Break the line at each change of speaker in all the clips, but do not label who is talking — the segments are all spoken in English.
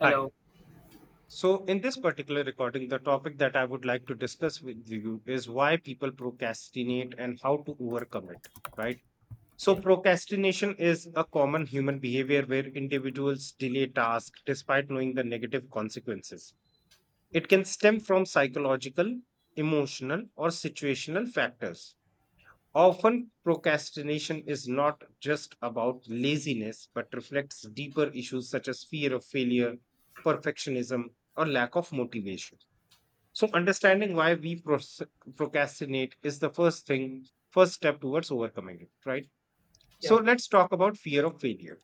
Hi. So, in this particular recording, the topic that I would like to discuss with you is why people procrastinate and how to overcome it, right? So,
Yeah.
procrastination is a common human behavior where individuals delay tasks despite knowing the negative consequences. It
Yes.
can stem from psychological, emotional, or situational factors.
Yeah.
Often, procrastination is not just about laziness, but reflects deeper issues such as fear of failure, perfectionism, or lack of motivation. So, understanding why we procrastinate is the first step towards overcoming it, right? So,
Yeah.
let's talk about fear of failure.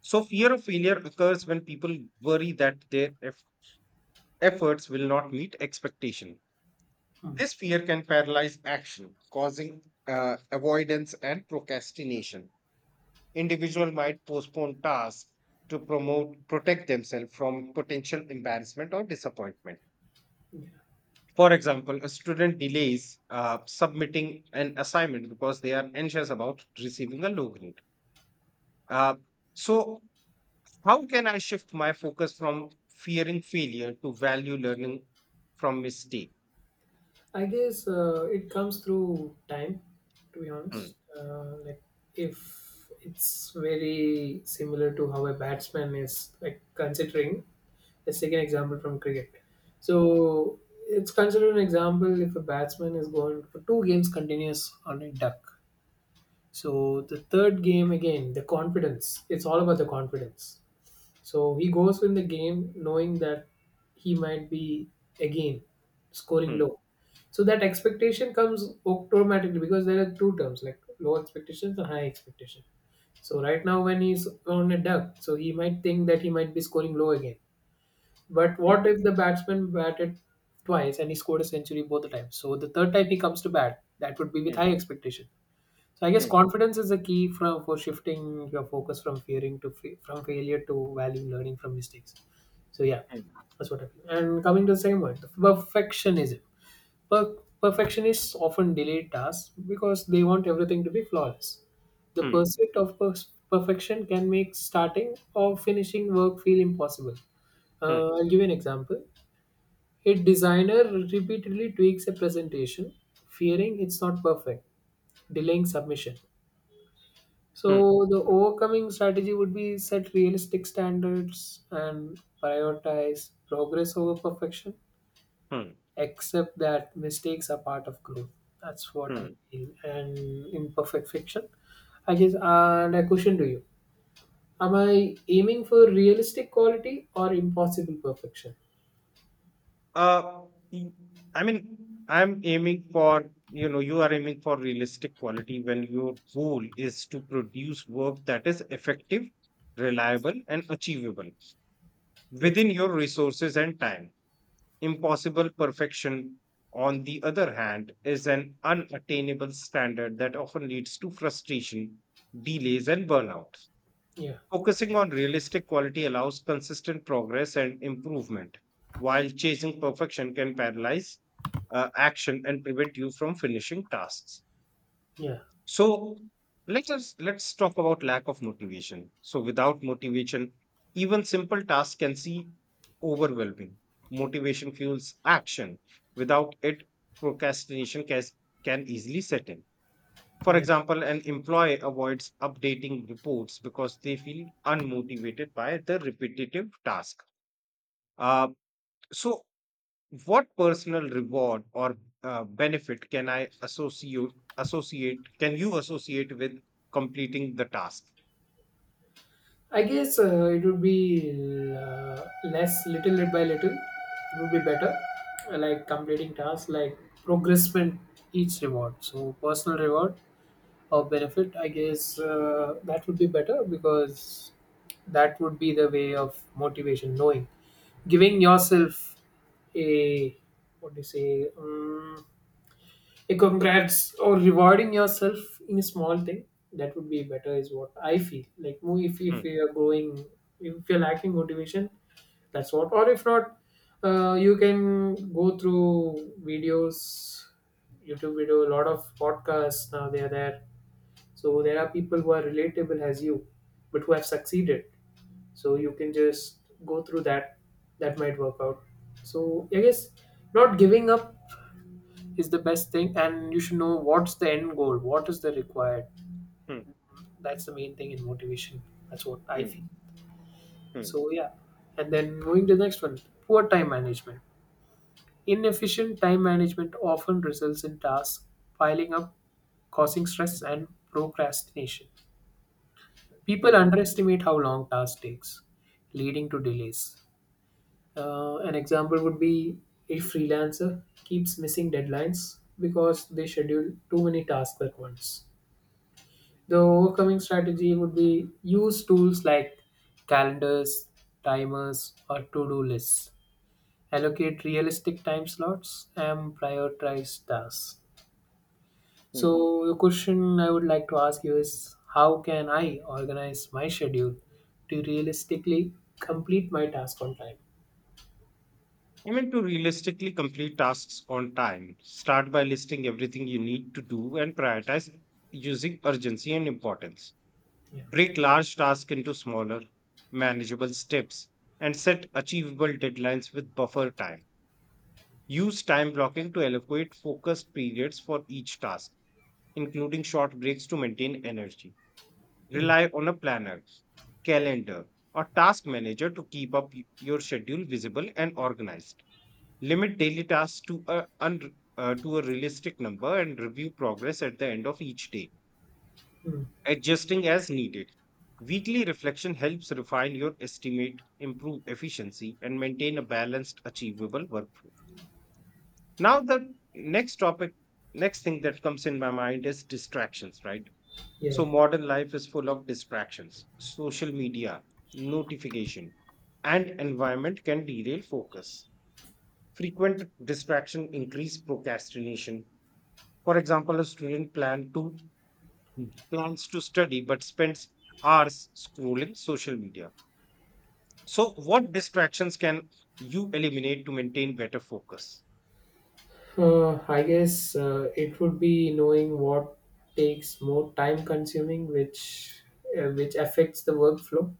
So, fear of failure occurs when people worry that their efforts will not meet expectation.
Hmm.
This fear can paralyze action, causing avoidance and procrastination. Individual might postpone tasks to promote protect themselves from potential embarrassment or disappointment.
Yeah.
For example, a student delays submitting an assignment because they are anxious about receiving a low grade. Uh, so, how can I shift my focus from fearing failure to value learning from mistake?
I guess it comes through time, to be
Hmm.
honest. If it's very similar to how a batsman is, like, considering, let's take an example from cricket. So, it's considered an example if a batsman is going for two games continuous on a duck. So, the third game, again, the confidence, it's all about the confidence. So he goes in the game knowing that he might be again scoring
Hmm.
low. So that expectation comes automatically because there are two terms like low expectations and high expectation. So right now when he's on a duck, so he might think that he might be scoring low again. But
Hmm.
what if the batsman batted twice and he scored a century both the times? So the third time he comes to bat, that would be with high expectation. So I guess
Hmm.
confidence is a key for shifting your focus from fearing to from failure to value learning from mistakes. So yeah,
Hmm.
that's what I feel. And coming to the second one, perfectionism. Perfectionists often delay tasks because they want everything to be flawless. The
Hmm.
pursuit of perfection can make starting or finishing work feel impossible.
Hmm. Hmm.
I'll give you an example. A designer repeatedly tweaks a presentation, fearing it's not perfect, delaying submission.
Hmm.
So the overcoming strategy would be set realistic standards and prioritize progress over perfection.
Hmm.
Accept that mistakes are part of growth. That's what I
Hmm.
feel. And in perfect fiction, I guess. And a question to you: am I aiming for realistic quality or impossible perfection?
Uh, y- I mean, I'm aiming for, you know, you are aiming for realistic quality when your goal is to produce work that is effective, reliable, and achievable
Yes.
within your resources and time. Impossible perfection, on the other hand, is an unattainable standard that often leads to frustration, delays, and burnout.
Yeah.
Focusing on realistic quality allows consistent progress and improvement, while chasing perfection can paralyze action and prevent you from finishing tasks.
Yeah.
So let's talk about lack of motivation. So without motivation, even simple tasks can seem overwhelming. Motivation fuels action. Without it, procrastination can easily set in. For
Yeah.
example, an employee avoids updating reports because they feel unmotivated by the repetitive task. Uh, so, what personal reward or benefit can I associate? Associate? Can you associate with completing the task?
I guess it would be less, little bit by little. It would be better. Like completing tasks, like progressment each reward. So personal reward or benefit, I guess that would be better because that would be the way of motivation. Knowing, giving yourself a, what do you say? A congrats or rewarding yourself in a small thing, that would be better is what I feel like if
Hmm.
you're growing, if you're lacking motivation, that's what. Or if not, you can go through videos, youtube video, a lot of podcasts now they are there. So there are people who are relatable as you but who have succeeded, so you can just go through that, that might work out. So I guess not giving up is the best thing, and you should know what's the end goal, what is the required.
Hmm.
That's the main thing in motivation, that's what I
Hmm.
feel.
Hmm.
So yeah, and then moving to the next one, poor time management. Inefficient time management often results in tasks piling up, causing stress and procrastination. People
Hmm.
underestimate how long task takes, leading to delays. An example would be a freelancer keeps missing deadlines because they schedule too many tasks at once. The overcoming strategy would be use tools like calendars, timers, or to do lists. Allocate realistic time slots and prioritize tasks.
Hmm.
So, the question I would like to ask you is how can I organize my schedule to realistically complete my task on time?
I mean, to realistically complete tasks on time, start by listing everything you need to do and prioritize using urgency and importance.
Yeah.
Break large tasks into smaller, manageable steps and set achievable deadlines with buffer time. Use time blocking to allocate focused periods for each task, including short breaks to maintain energy. Rely on a planner, calendar, or task manager to keep up your schedule visible and organized. Limit daily tasks to a realistic number and review progress at the end of each day, adjusting as needed. Weekly reflection helps refine your estimate, improve efficiency, and maintain a balanced, achievable workflow. Now, the next thing that comes in my mind is distractions, right? So,
Yeah.
modern life is full of distractions. Social media, notification, and environment can derail focus. Frequent distraction increase procrastination. For example, a student plan to Hmm. plans to study but spends hours scrolling social media. So, what distractions can you eliminate to maintain better focus?
I guess it would be knowing what takes more time consuming, which affects the workflow.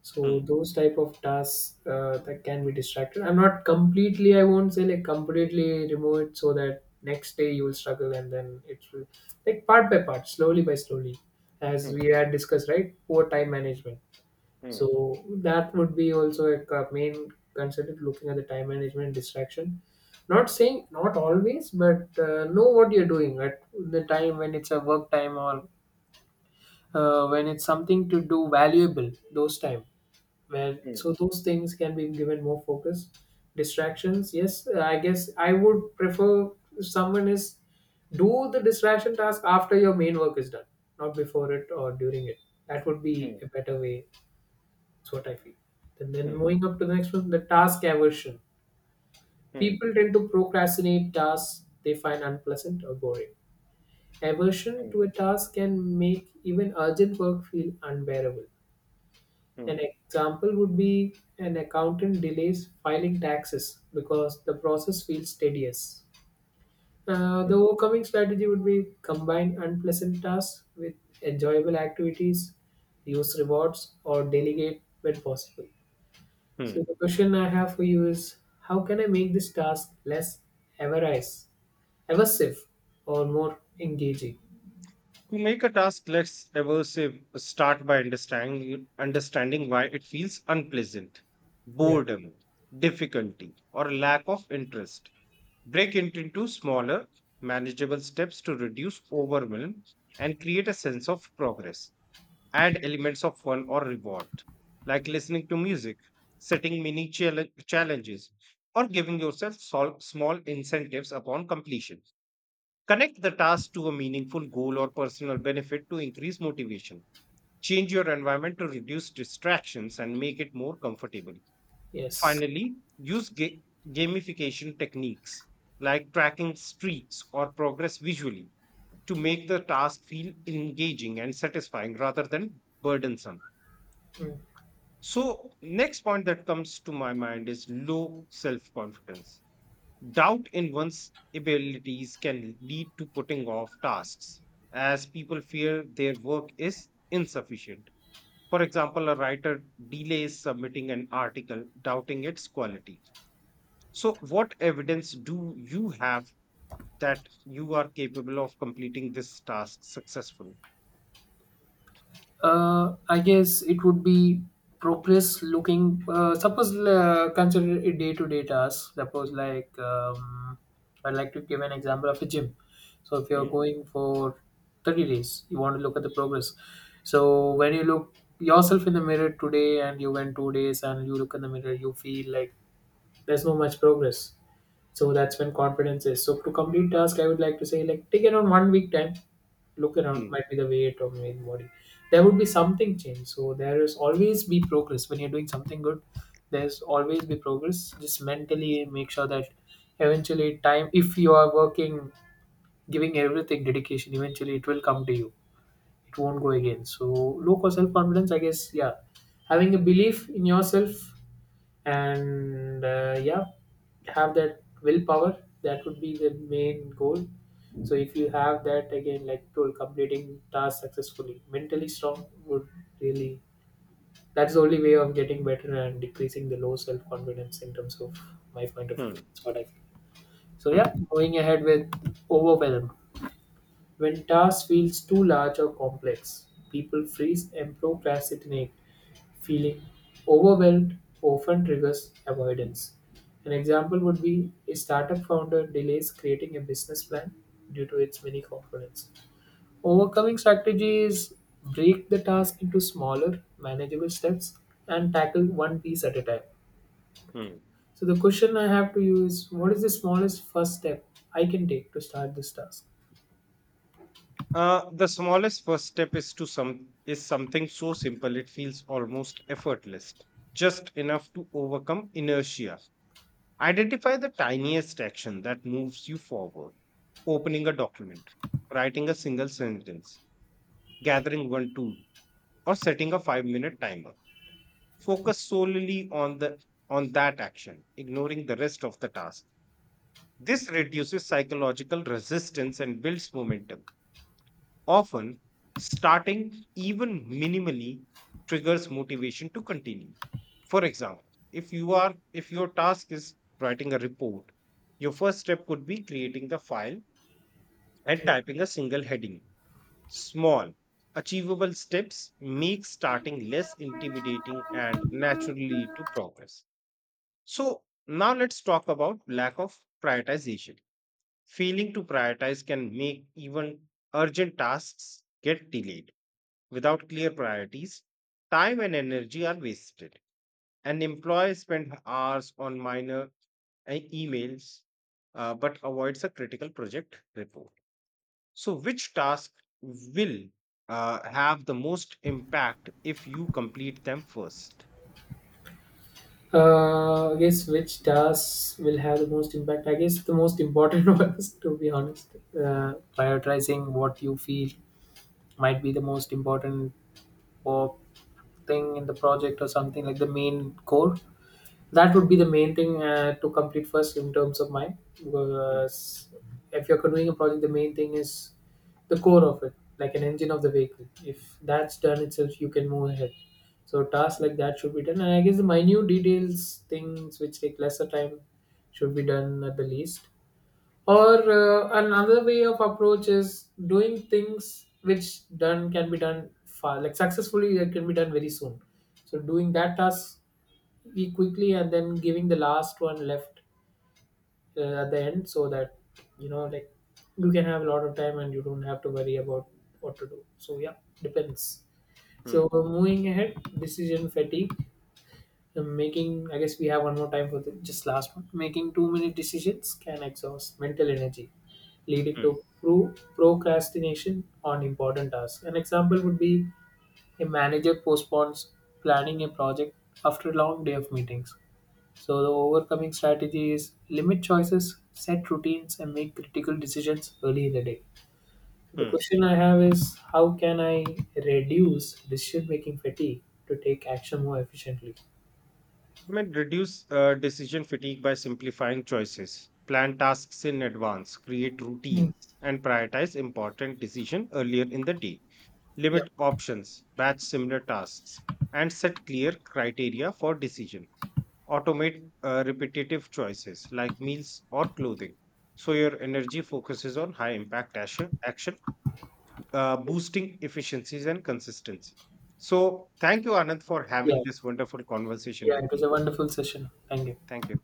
So
Hmm.
those type of tasks that can be distracted. I'm not completely. I won't say like completely remove it so that next day you will struggle and then it will, like, part by part, slowly by slowly, as
Hmm.
we had discussed, right? Poor time management.
Hmm.
So that would be also a main considered looking at the time management distraction. Not saying not always, but know what you're doing at the time when it's a work time or when it's something to do valuable. Those time where,
Hmm.
so those things can be given more focus. Distractions, yes, I guess I would prefer if someone is do the distraction task after your main work is done, not before it or during it. That would be
Hmm.
a better way, that's what I feel. And
Hmm.
then
Hmm.
moving up to the next one, the task aversion. People tend to procrastinate tasks they find unpleasant or boring. Aversion
Hmm.
to a task can make even urgent work feel unbearable.
Hmm.
An example would be an accountant delays filing taxes because the process feels tedious. The
Hmm.
overcoming strategy would be combine unpleasant tasks with enjoyable activities, use rewards, or delegate when possible. So
Hmm.
the question I have for you is how can I make this task less avarice, aversive or more engaging?
To make a task less aversive, start by understanding why it feels unpleasant,
Yeah.
boredom, difficulty, or lack of interest. Break it into smaller, manageable steps to reduce overwhelm and create a sense of progress. Add elements of fun or reward, like listening to music, setting mini challenges, or giving yourself small incentives upon completion. Connect the task to a meaningful goal or personal benefit to increase motivation. Change your environment to reduce distractions and make it more comfortable.
Yes.
Finally, use gamification techniques like tracking streaks or progress visually to make the task feel engaging and satisfying rather than burdensome.
Mm.
So, next point that comes to my mind is low self confidence. Doubt in one's abilities can lead to putting off tasks as people fear their work is insufficient. For example, a writer delays submitting an article, doubting its quality. So, what evidence do you have that you are capable of completing this task successfully?
I guess it would be progress looking. Suppose consider a day-to-day task. Suppose like I'd like to give an example of a gym. So if you're
Hmm.
going for 30 days, you want to look at the progress. So when you look yourself in the mirror today and you went 2 days and you look in the mirror, you feel like there's no much progress. So that's when confidence is, so to complete task I would like to say like take around 1 week time, look around,
Hmm.
might be the weight or maybe body, there would be something change. So there is always be progress when you're doing something good, there's always be progress. Just mentally make sure that eventually time, if you are working, giving everything dedication, eventually it will come to you, it won't go again. So low cost self confidence, I guess, yeah, having a belief in yourself. And yeah, have that willpower, that would be the main goal. So if you have that again, like told, completing tasks successfully mentally strong would really, that's the only way of getting better and decreasing the low self-confidence in terms of my point of view,
Hmm.
that's what I feel. So yeah,
Hmm.
going ahead with overwhelm. When task feels too large or complex, people freeze and procrastinate. Feeling overwhelmed often triggers avoidance. An example would be a startup founder delays creating a business plan due to its many components. Overcoming strategies, break the task into smaller, manageable steps and tackle one piece at a time.
Hmm.
So, the question I have to you is what is the smallest first step I can take to start this task?
The smallest first step is something so simple it feels almost effortless, just enough to overcome inertia. Identify the tiniest action that moves you forward. Opening a document, writing a single sentence, gathering one tool, or setting a 5-minute timer. Focus solely on the on that action, ignoring the rest of the task. This reduces psychological resistance and builds momentum. Often, starting even minimally triggers motivation to continue. For example, if your task is writing a report, your first step could be creating the file and typing a single heading. Small achievable steps make starting less intimidating and naturally lead to progress. So now let's talk about lack of prioritization. Failing to prioritize can make even urgent tasks get delayed. Without clear priorities, time and energy are wasted. An employee spends hours on minor emails but avoids a critical project report. So, which task will have the most impact if you complete them first?
I guess, which tasks will have the most impact? I guess the most important ones, to be honest. Prioritizing what you feel might be the most important, or thing in the project or something like the main core, that would be the main thing to complete first in terms of mine.
Mm.
Because if you're doing a project, the main thing is the core of it, like an engine of the vehicle. If that's done itself, you can move ahead. So tasks
Mm.
like that should be done, and I guess the minute details things which take lesser time should be done at the least. Or another way of approach is doing things which done can be done far, like successfully it can be done very soon. So doing that task we quickly and then giving the last one left at the end, so that you know, like, you can have a lot of time and you don't have to worry about what to do. So yeah, depends. So
Mm.
moving ahead, decision fatigue. Making, I guess we have one more time for the, just last one. Making too many decisions can exhaust mental energy, leading
Mm.
to procrastination on important tasks. An example would be a manager postpones planning a project after a long day of meetings. So, the overcoming strategy is limit choices, set routines, and make critical decisions early in the day. The
Mm.
question I have is how can I reduce decision making fatigue to take action more efficiently?
I mean, reduce decision fatigue by simplifying choices, plan tasks in advance, create routines, and prioritize important decisions earlier in the day.
Yeah.
Limit options, batch similar tasks, and set clear criteria for decision. Automate repetitive choices like meals or clothing. So your energy focuses on high impact action, boosting efficiencies and consistency. So thank you, Anand, for
Yeah.
having this wonderful conversation
Yeah,
with
it was
me.
a wonderful session. Thank you.
Thank you.